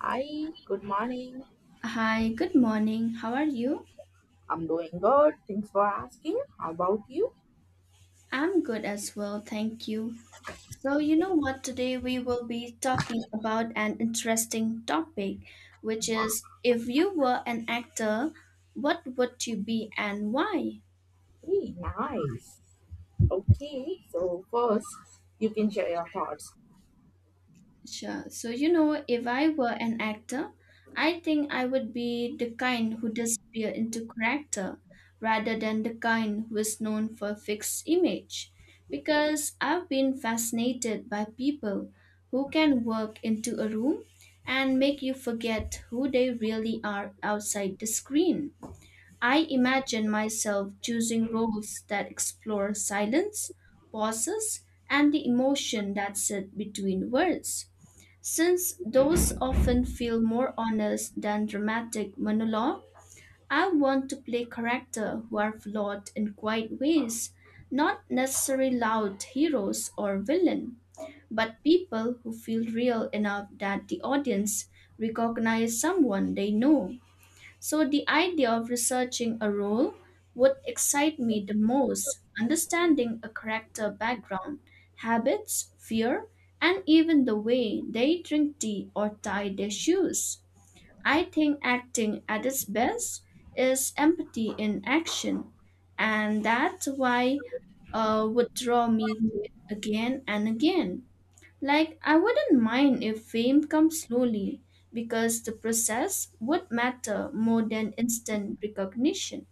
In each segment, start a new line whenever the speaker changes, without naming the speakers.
Hi, good morning.
Hi, good morning. How are you?
I'm doing good. Thanks for asking. How about you?
I'm good as well, thank you. So, you know what? Today we will be talking about an interesting topic, which is if you were an actor, what would you be and why?
Hey, nice. Okay, so first, you can share your thoughts.
Sure. So, you know, if I were an actor, I think I would be the kind who disappear into character rather than the kind who is known for a fixed image. Because I've been fascinated by people who can work into a room and make you forget who they really are outside the screen. I imagine myself choosing roles that explore silence, pauses, and the emotion that sit between words since those often feel more honest than dramatic monologue, I want to play characters who are flawed in quiet ways, not necessarily loud heroes or villain, but people who feel real enough that the audience recognize someone they know. So the idea of researching a role would excite me the most, understanding a character background, habits, fear, and even the way they drink tea or tie their shoes. I think acting at its best is empathy in action, and that's why would draw me to it again and again. Like, I wouldn't mind if fame comes slowly because the process would matter more than instant recognition.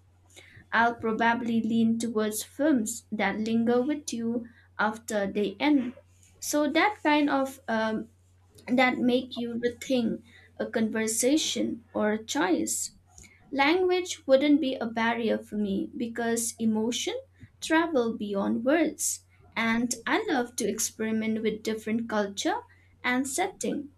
I'll probably lean towards films that linger with you after they end. So that that make you rethink a conversation or a choice. Language wouldn't be a barrier for me because emotion travel beyond words and I love to experiment with different culture and setting.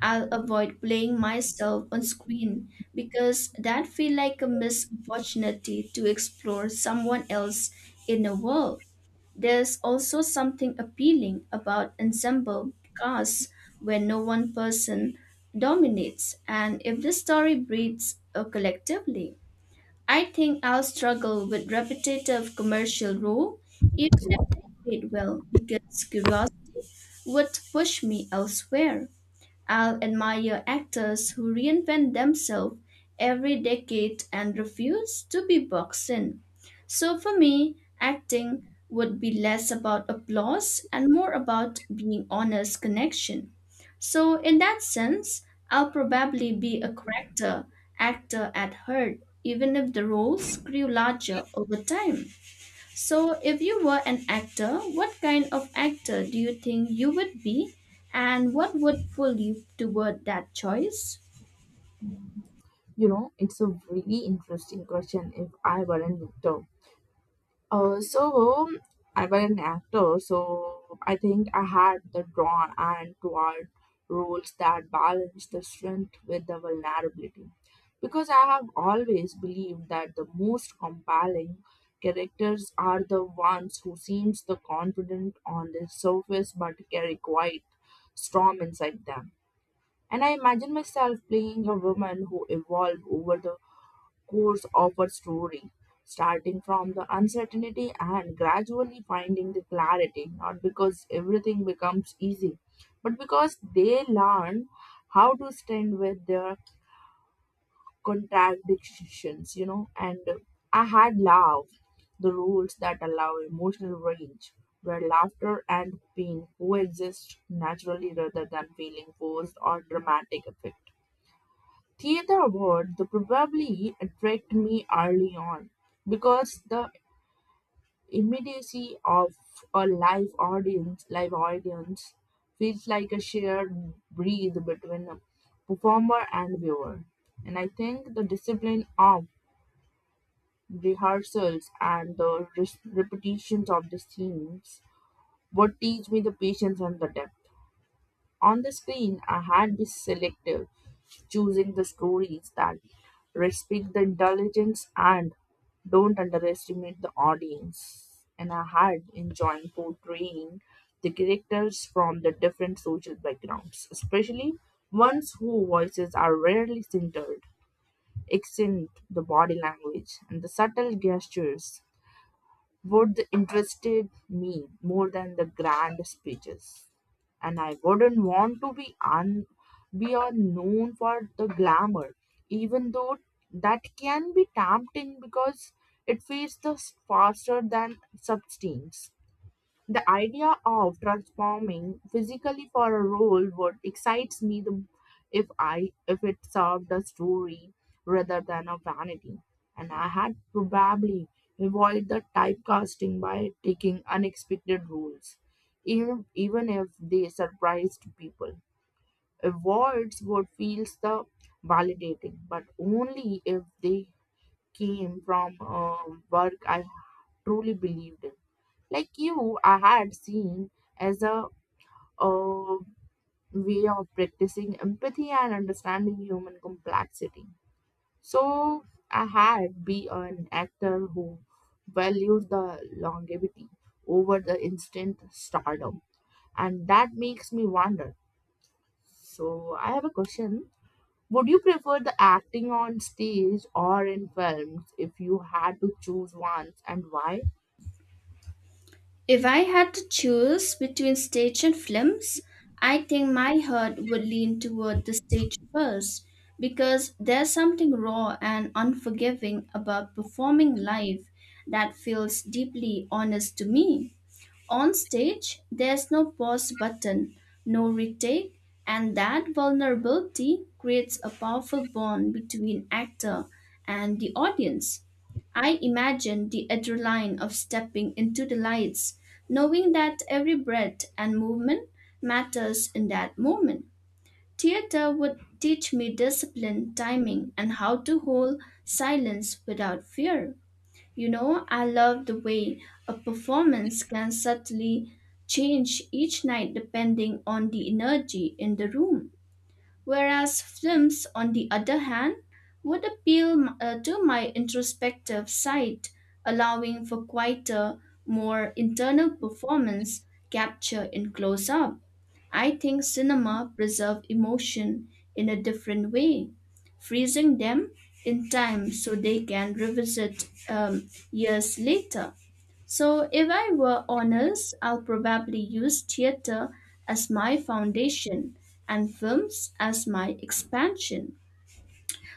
I'll avoid playing myself on screen because that feel like a missed opportunity to explore someone else in a world. There's also something appealing about ensemble casts where no one person dominates, and if the story breathes collectively. I think I'll struggle with repetitive commercial role, even if they paid well, because curiosity would push me elsewhere. I'll admire actors who reinvent themselves every decade and refuse to be boxed in. So for me, acting would be less about applause and more about being honest connection. So in that sense, I'll probably be a character actor at heart, even if the roles grew larger over time. So, if you were an actor, what kind of actor do you think you would be, and what would pull you toward that choice?
You know, it's a really interesting question if I weren't Victor. So I was an actor, so I think I had the drawn and toward roles that balance the strength with the vulnerability. Because I have always believed that the most compelling characters are the ones who seems the confident on the surface but carry quite storm inside them. And I imagine myself playing a woman who evolved over the course of a story, starting from the uncertainty and gradually finding the clarity, not because everything becomes easy, but because they learn how to stand with their contradictions, you know. And I had love the rules that allow emotional range, where laughter and pain coexist naturally rather than feeling forced or dramatic effect. Theatre would probably attract me early on because the immediacy of a live audience feels like a shared breathe between a performer and viewer. And I think the discipline of rehearsals and the repetitions of the scenes would teach me the patience and the depth. On the screen, I had this selective choosing the stories that respect the intelligence and don't underestimate the audience. And I had enjoying portraying the characters from the different social backgrounds, especially ones whose voices are rarely centered, accent, the body language, and the subtle gestures would interested me more than the grand speeches. And I wouldn't want to be a known for the glamour, even though that can be tempting because it feeds the faster than substance. The idea of transforming physically for a role what excites me the if I if it served a story rather than a vanity. And I had probably avoid the typecasting by taking unexpected roles, even if they surprised people. Awards what feels the validating, but only if they came from a work I truly believed in. Like you, I had seen as a, uh way of practicing empathy and understanding human complexity. So I had be an actor who valued the longevity over the instant stardom, and that makes me wonder. So I have a question. Would you prefer the acting on stage or in films if you had to choose one and why?
If I had to choose between stage and films, I think my heart would lean toward the stage first because there's something raw and unforgiving about performing live that feels deeply honest to me. On stage, there's no pause button, no retake, and that vulnerability creates a powerful bond between actor and the audience. I imagine the adrenaline of stepping into the lights, knowing that every breath and movement matters in that moment. Theater would teach me discipline, timing, and how to hold silence without fear. You know, I love the way a performance can subtly change each night depending on the energy in the room. Whereas films, on the other hand, would appeal to my introspective side, allowing for quieter, more internal performance capture in close up. I think cinema preserve emotion in a different way, freezing them in time so they can revisit years later. So, if I were honest, I'll probably use theater as my foundation and films as my expansion.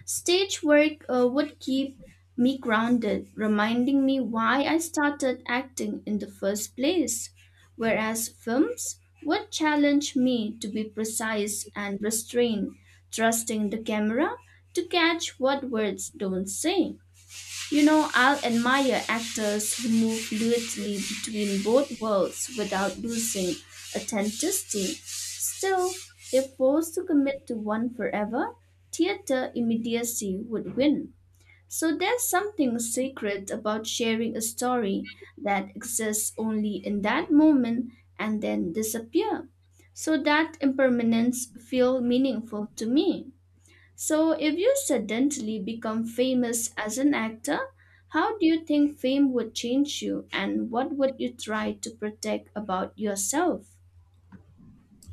Stage work would keep me grounded, reminding me why I started acting in the first place, whereas films would challenge me to be precise and restrained, trusting the camera to catch what words don't say. You know, I'll admire actors who move fluidly between both worlds without losing authenticity. Still, if forced to commit to one forever, theater immediacy would win. So there's something sacred about sharing a story that exists only in that moment and then disappear. So that impermanence feel meaningful to me. So, if you suddenly become famous as an actor, how do you think fame would change you and what would you try to protect about yourself?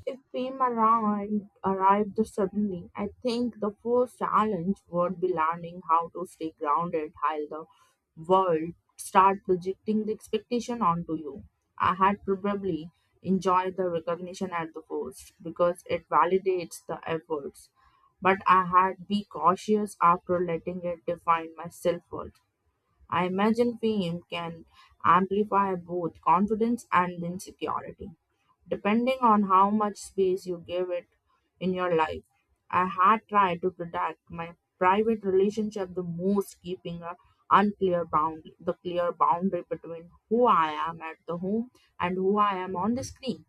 If fame arrived suddenly, I think the first challenge would be learning how to stay grounded while the world start projecting the expectation onto you. I had probably enjoyed the recognition at the first because it validates the efforts, but I had be cautious after letting it define my self worth. I imagine fame can amplify both confidence and insecurity, depending on how much space you give it in your life. I had tried to protect my private relationship the most, keeping a unclear bound the clear boundary between who I am at the home and who I am on the screen.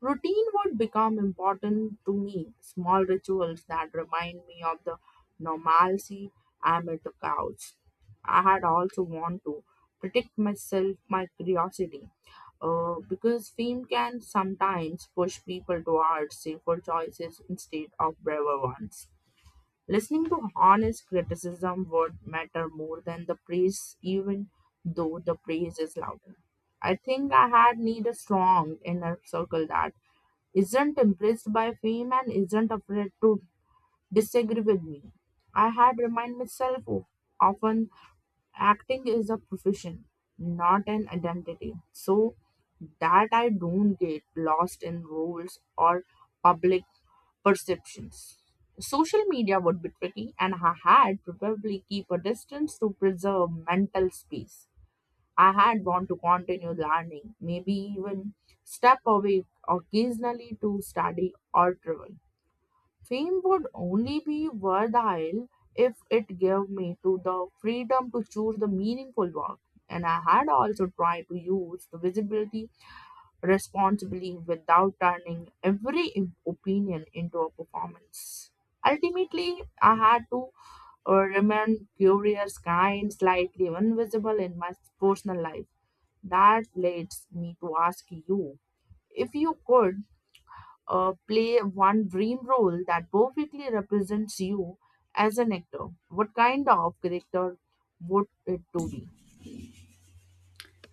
Routine would become important to me. Small rituals that remind me of the normalcy I'm amid the couch. I had also want to protect myself, my curiosity, because fame can sometimes push people towards safer choices instead of braver ones. Listening to honest criticism would matter more than the praise, even though the praise is louder. I think I had need a strong inner circle that isn't impressed by fame and isn't afraid to disagree with me. I had remind myself of often acting is a profession, not an identity. So that I don't get lost in roles or public perceptions. Social media would be tricky, and I had probably keep a distance to preserve mental space. I had want to continue learning, maybe even step away occasionally to study or travel. Fame would only be worthwhile if it gave me to the freedom to choose the meaningful work. And I had also tried to use the visibility responsibly without turning every opinion into a performance. Ultimately, I had to remain curious, kind, slightly invisible in my personal life. That leads me to ask you if you could play one dream role that perfectly represents you as an actor, what kind of character would it to be?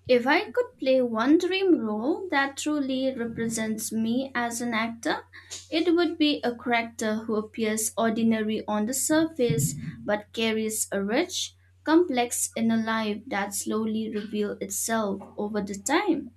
If I could play one dream role that truly represents me as an actor, it would be a character who appears ordinary on the surface but carries a rich, complex inner life that slowly reveals itself over the time.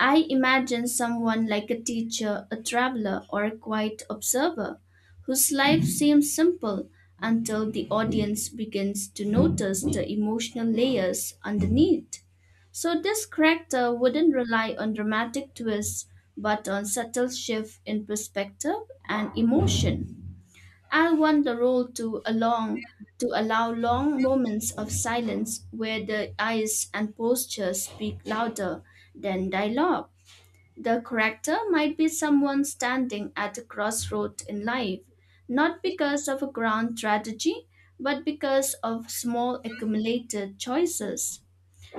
I imagine someone like a teacher, a traveler, or a quiet observer whose life seems simple until the audience begins to notice the emotional layers underneath. So, this character wouldn't rely on dramatic twists but on subtle shift in perspective and emotion. I want the role to allow long moments of silence where the eyes and posture speak louder than dialogue. The character might be someone standing at a crossroad in life, not because of a grand tragedy, but because of small accumulated choices.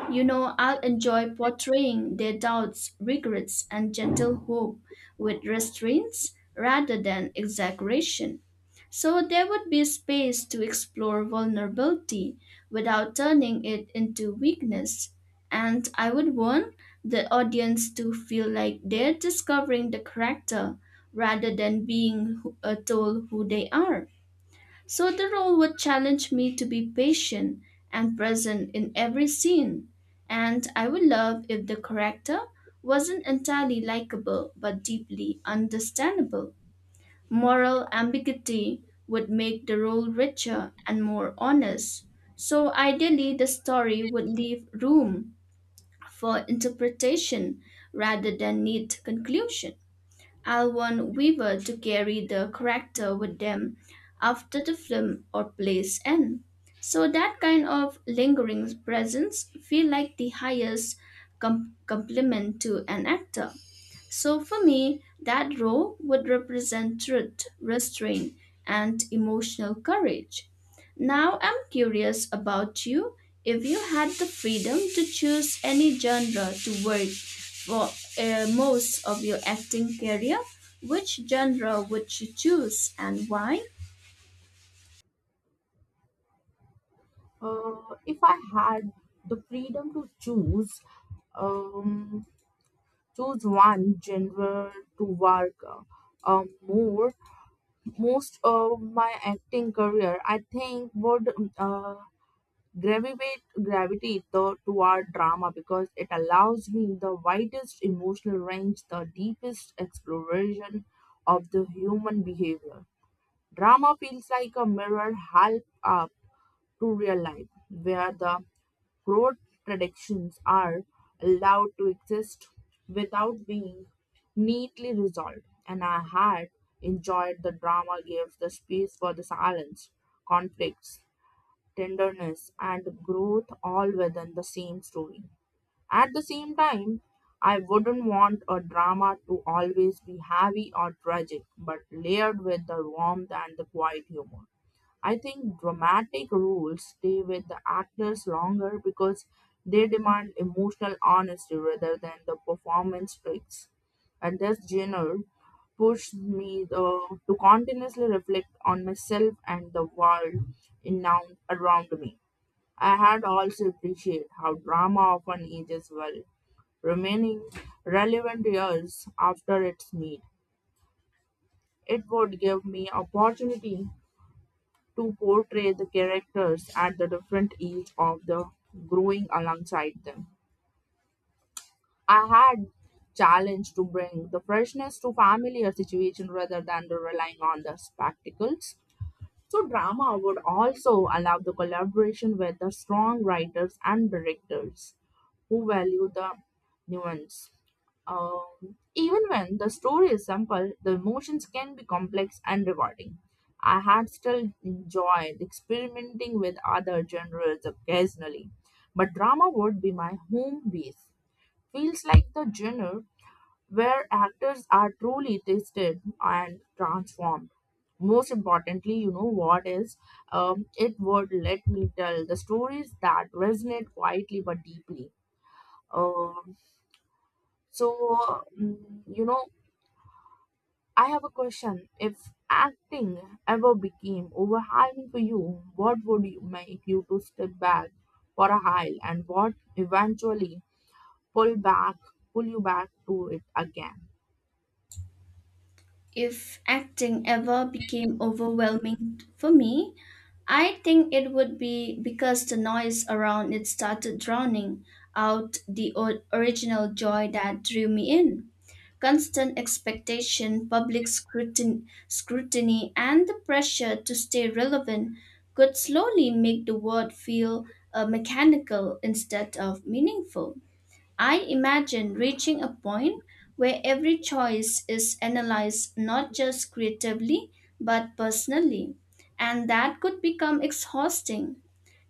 You know, I'll enjoy portraying their doubts, regrets, and gentle hope with restraints rather than exaggeration. So there would be space to explore vulnerability without turning it into weakness. And I would want the audience to feel like they're discovering the character rather than being told who they are. So the role would challenge me to be patient and present in every scene. And I would love if the character wasn't entirely likable but deeply understandable. Moral ambiguity would make the role richer and more honest. So ideally, the story would leave room for interpretation rather than neat conclusion. I'll want Weaver to carry the character with them after the film or play's end. So that kind of lingering presence feel like the highest compliment to an actor. So for me, that role would represent truth, restraint, and emotional courage. Now I'm curious about you. If you had the freedom to choose any genre to work for most of your acting career, which genre would you choose and why?
Uh, if I had the freedom to choose, um, choose one genre to work um, more, most of my acting career, I think would uh, gravitate the, toward drama because it allows me the widest emotional range, the deepest exploration of the human behavior. Drama feels like a mirror half up to real life, where the contradictions are allowed to exist without being neatly resolved. And I had enjoyed the drama gives the space for the silence, conflicts, tenderness, and growth all within the same story. At the same time, I wouldn't want a drama to always be heavy or tragic, but layered with the warmth and the quiet humor. I think dramatic roles stay with the actors longer because they demand emotional honesty rather than the performance tricks. And this genre pushed me the, to continuously reflect on myself and the world in, now around me. I had also appreciated how drama often ages well, remaining relevant years after its need. It would give me opportunity to portray the characters at the different age of the growing alongside them. I had challenge to bring the freshness to familiar situation rather than the relying on the spectacles. So drama would also allow the collaboration with the strong writers and directors who value the nuance. Even when the story is simple, the emotions can be complex and rewarding. I had still enjoyed experimenting with other genres occasionally, but drama would be my home base. Feels like the genre where actors are truly tested and transformed. Most importantly, you know what is it would let me tell the stories that resonate quietly but deeply. Um you know, I have a question. If acting ever became overwhelming for you, what would you make you to step back for a while and what eventually pull back, pull you back to it again?
If acting ever became overwhelming for me, I think it would be because the noise around it started drowning out the original joy that drew me in. Constant expectation, public scrutiny, and the pressure to stay relevant could slowly make the word feel mechanical instead of meaningful. I imagine reaching a point where every choice is analyzed not just creatively but personally, and that could become exhausting.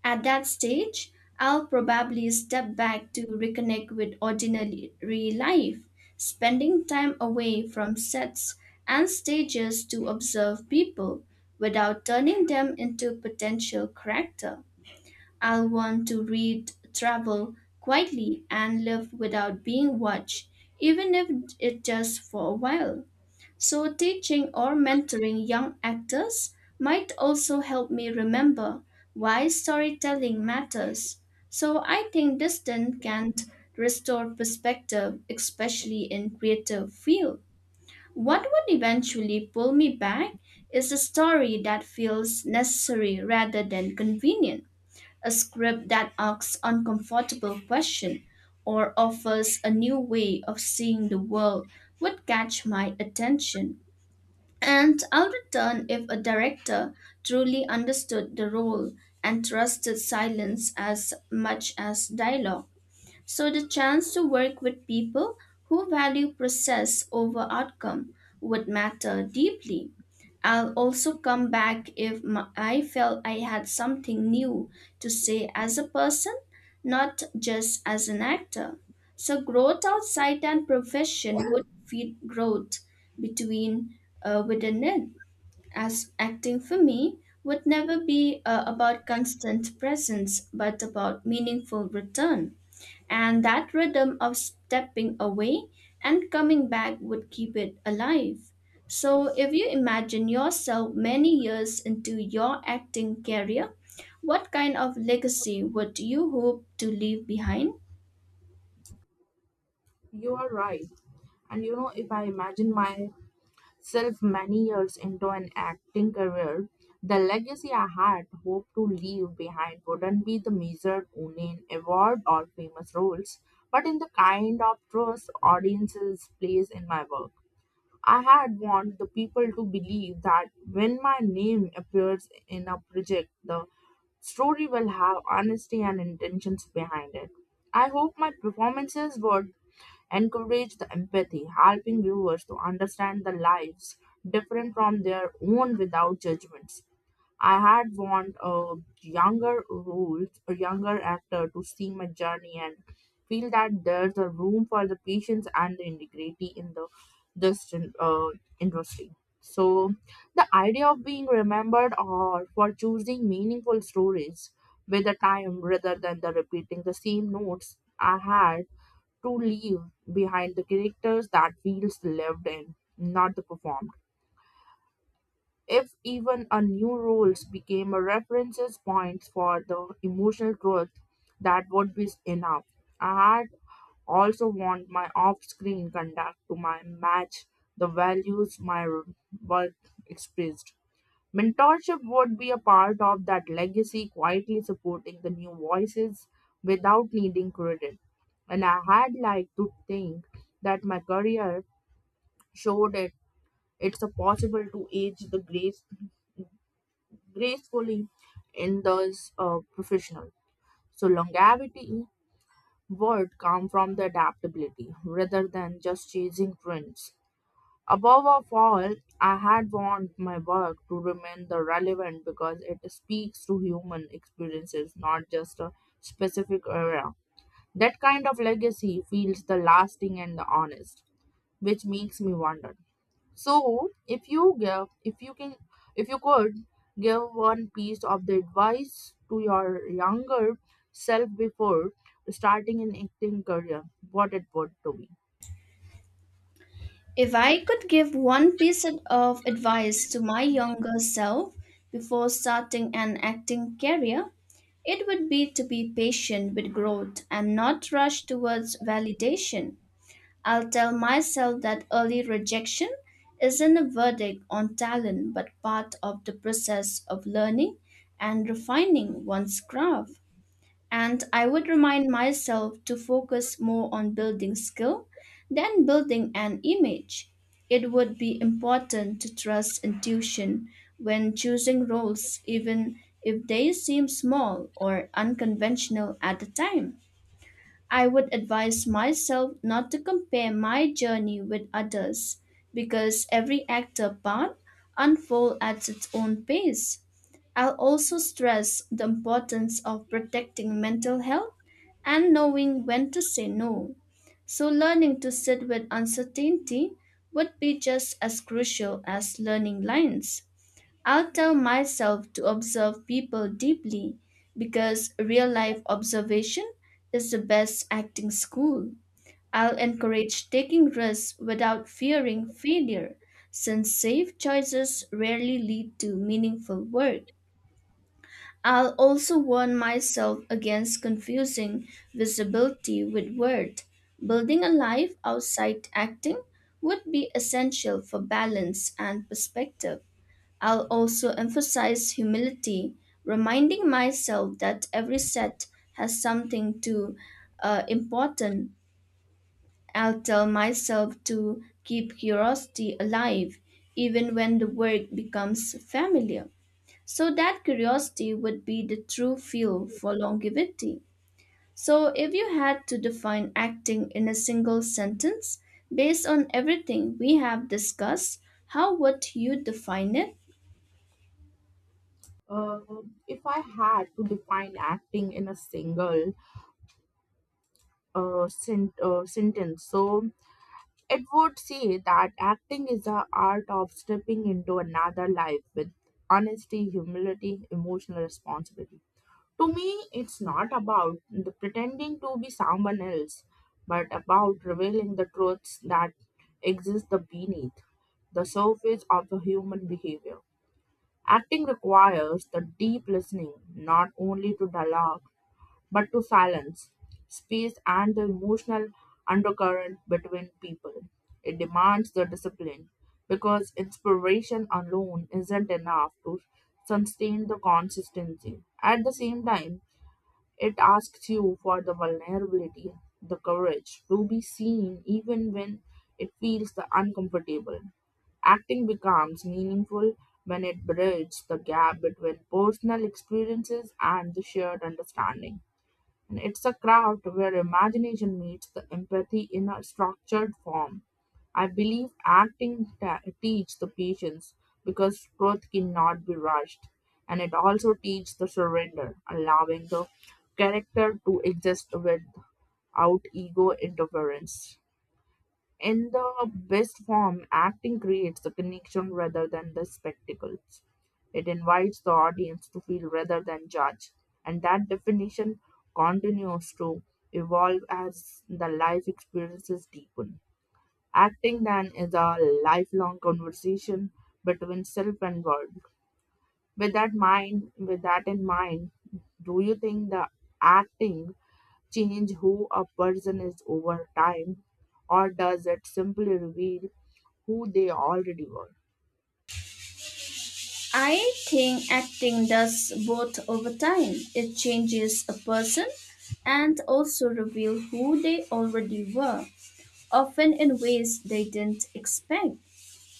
At that stage, I'll probably step back to reconnect with ordinary life, spending time away from sets and stages to observe people without turning them into potential character. I'll want to read, travel quietly, and live without being watched, even if it just for a while. So, teaching or mentoring young actors might also help me remember why storytelling matters. So, I think distance can restore perspective, especially in creative field. What would eventually pull me back is a story that feels necessary rather than convenient, a script that asks uncomfortable questions or offers a new way of seeing the world would catch my attention. And I would return if a director truly understood the role and trusted silence as much as dialogue. So, the chance to work with people who value process over outcome would matter deeply. I'll also come back if I felt I had something new to say as a person, not just as an actor. So, growth outside and profession would feed growth between within it. As acting for me would never be about constant presence, but about meaningful return and that rhythm of stepping away and coming back would keep it alive. So, if you imagine yourself many years into your acting career, what kind of legacy would you hope to leave behind?
You are right. And you know, if I imagine my self many years into an acting career, the legacy I had hoped to leave behind wouldn't be the measured only in award or famous roles, but in the kind of trust audiences place in my work. I had want the people to believe that when my name appears in a project, the story will have honesty and intentions behind it. I hope my performances were encourage the empathy, helping viewers to understand the lives different from their own without judgments. I had want a younger roles, a younger actor to see my journey and feel that there's a room for the patience and the integrity in the this uh, industry. So the idea of being remembered or for choosing meaningful stories with the time rather than the repeating the same notes I had to leave behind the characters that feels lived in, not the performed. If even a new roles became a references points for the emotional truth, that would be enough. I had also want my off-screen conduct to my match the values my work expressed. Mentorship would be a part of that legacy, quietly supporting the new voices without needing credit. And I had liked to think that my career showed it's a possible to age the gracefully in those professional. So longevity would come from the adaptability rather than just chasing trends. Above of all, I had want my work to remain the relevant because it speaks to human experiences, not just a specific era. That kind of legacy feels the lasting and the honest, which makes me wonder. So, if you could give one piece of the advice to your younger self before starting an acting career, what it would to be.
If I could give one piece of advice to my younger self before starting an acting career, it would be to be patient with growth and not rush towards validation. I'll tell myself that early rejection isn't a verdict on talent but part of the process of learning and refining one's craft. And I would remind myself to focus more on building skill than building an image. It would be important to trust intuition when choosing roles, even if they seem small or unconventional at the time. I would advise myself not to compare my journey with others because every actor path unfolds at its own pace. I'll also stress the importance of protecting mental health and knowing when to say no. So, learning to sit with uncertainty would be just as crucial as learning lines. I'll tell myself to observe people deeply because real life observation is the best acting school. I'll encourage taking risks without fearing failure since safe choices rarely lead to meaningful work. I'll also warn myself against confusing visibility with worth. Building a life outside acting would be essential for balance and perspective. I'll also emphasize humility, reminding myself that every set has something to important. I'll tell myself to keep curiosity alive, even when the work becomes familiar. So that curiosity would be the true fuel for longevity. So, if you had to define acting in a single sentence based on everything we have discussed, how would you define it?
Uh, if I had to define acting in a single sentence, so it would say that acting is the art of stepping into another life with honesty, humility, emotional responsibility. To me, it's not about the pretending to be someone else, but about revealing the truths that exist the beneath the surface of the human behavior. Acting requires the deep listening not only to dialogue but to silence, space, and the emotional undercurrent between people. It demands the discipline because inspiration alone isn't enough to sustain the consistency. At the same time, it asks you for the vulnerability, the courage to be seen even when it feels the uncomfortable. Acting becomes meaningful when it bridges the gap between personal experiences and the shared understanding. And it's a craft where imagination meets the empathy in a structured form. I believe acting teaches the patience because truth cannot be rushed. And it also teaches the surrender, allowing the character to exist without ego interference. In the best form, acting creates the connection rather than the spectacles. It invites the audience to feel rather than judge, and that definition continues to evolve as the life experiences deepen. Acting then is a lifelong conversation between self and world. With that in mind, do you think the acting change who a person is over time, or does it simply reveal who they already were?
I think acting does both over time. It changes a person and also reveal who they already were, often in ways they didn't expect.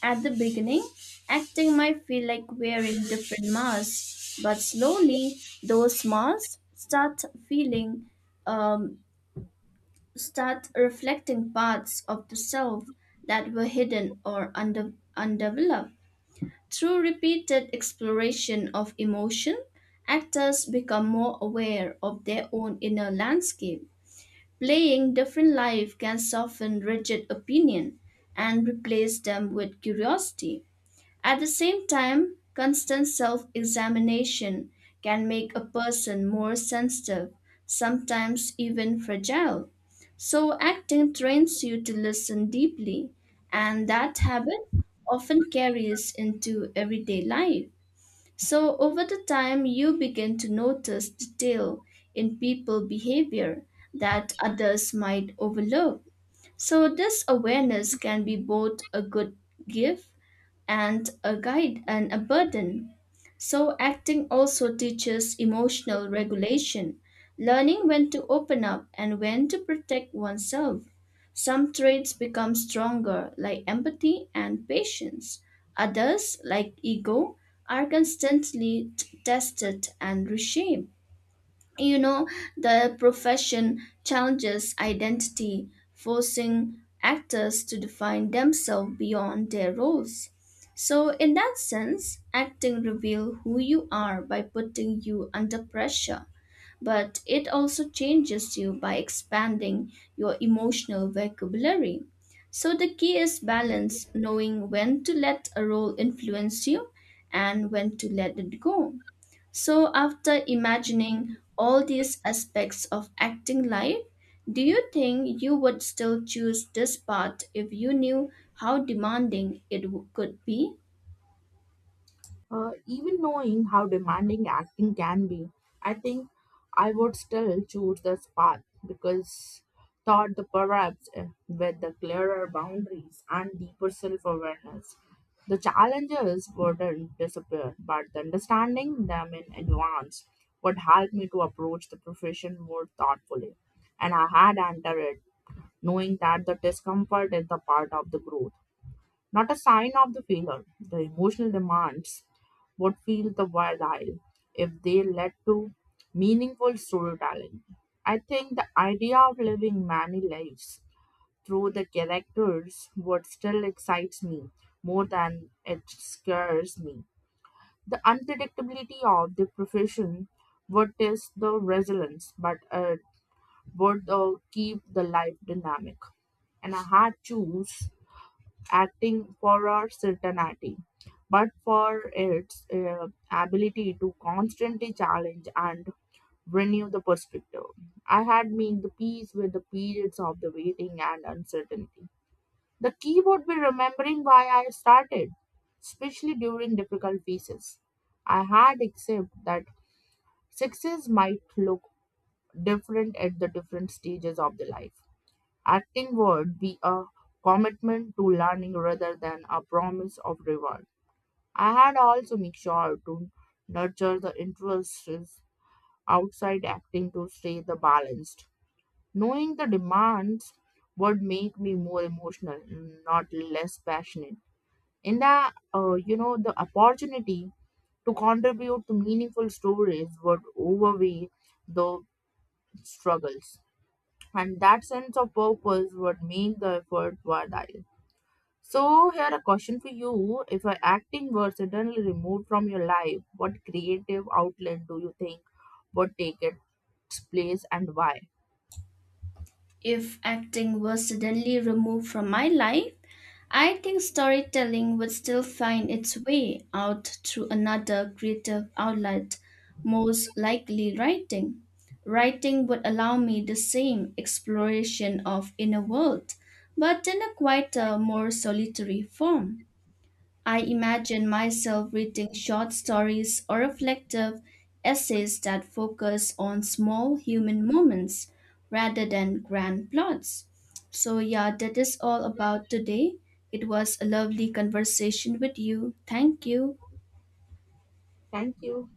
At the beginning, acting might feel like wearing different masks, but slowly those masks feeling, um, start reflecting parts of the self that were hidden or undeveloped. Through repeated exploration of emotion, actors become more aware of their own inner landscape. Playing different life can soften rigid opinion and replace them with curiosity. At the same time, constant self examination can make a person more sensitive, sometimes even fragile. So, acting trains you to listen deeply, and that habit often carries into everyday life. So, over the time, you begin to notice detail in people behavior that others might overlook. So, this awareness can be both a good gift and a guide and a burden. So, acting also teaches emotional regulation, learning when to open up and when to protect oneself. Some traits become stronger, like empathy and patience. Others, like ego, are constantly tested and reshaped. You know, the profession challenges identity, forcing actors to define themselves beyond their roles. So, in that sense, acting reveals who you are by putting you under pressure, but it also changes you by expanding your emotional vocabulary. So, the key is balance, knowing when to let a role influence you and when to let it go. So, after imagining all these aspects of acting life, do you think you would still choose this part if you knew how demanding it could be?
Even knowing how demanding acting can be, I think I would still choose this path because thought the perhaps with the clearer boundaries and deeper self-awareness, the challenges wouldn't disappear, but the understanding them in advance would help me to approach the profession more thoughtfully. And I had entered it knowing that the discomfort is the part of the growth. Not a sign of the failure. The emotional demands would feel the while if they led to meaningful storytelling. I think the idea of living many lives through the characters would still excites me more than it scares me. The unpredictability of the profession would test the resilience, but it would keep the life dynamic. And I had choose acting for our certainty, but for its ability to constantly challenge and renew the perspective. I had made the peace with the periods of the waiting and uncertainty. The key would be remembering why I started, especially during difficult phases. I had accepted that success might look different at the different stages of the life. Acting would be a commitment to learning rather than a promise of reward. I had also make sure to nurture the interests outside acting to stay the balanced. Knowing the demands would make me more emotional, not less passionate. In the you know the opportunity to contribute to meaningful stories would overweigh the struggles, and that sense of purpose would make the effort worthwhile. So, here a question for you. If your acting were suddenly removed from your life, what creative outlet do you think would take its place and why?
If acting was suddenly removed from my life, I think storytelling would still find its way out through another creative outlet, most likely writing. Writing would allow me the same exploration of inner world, but in a quieter, more solitary form. I imagine myself reading short stories or reflective essays that focus on small human moments rather than grand plots. So, yeah, that is all about today. It was a lovely conversation with you. Thank you.
Thank you.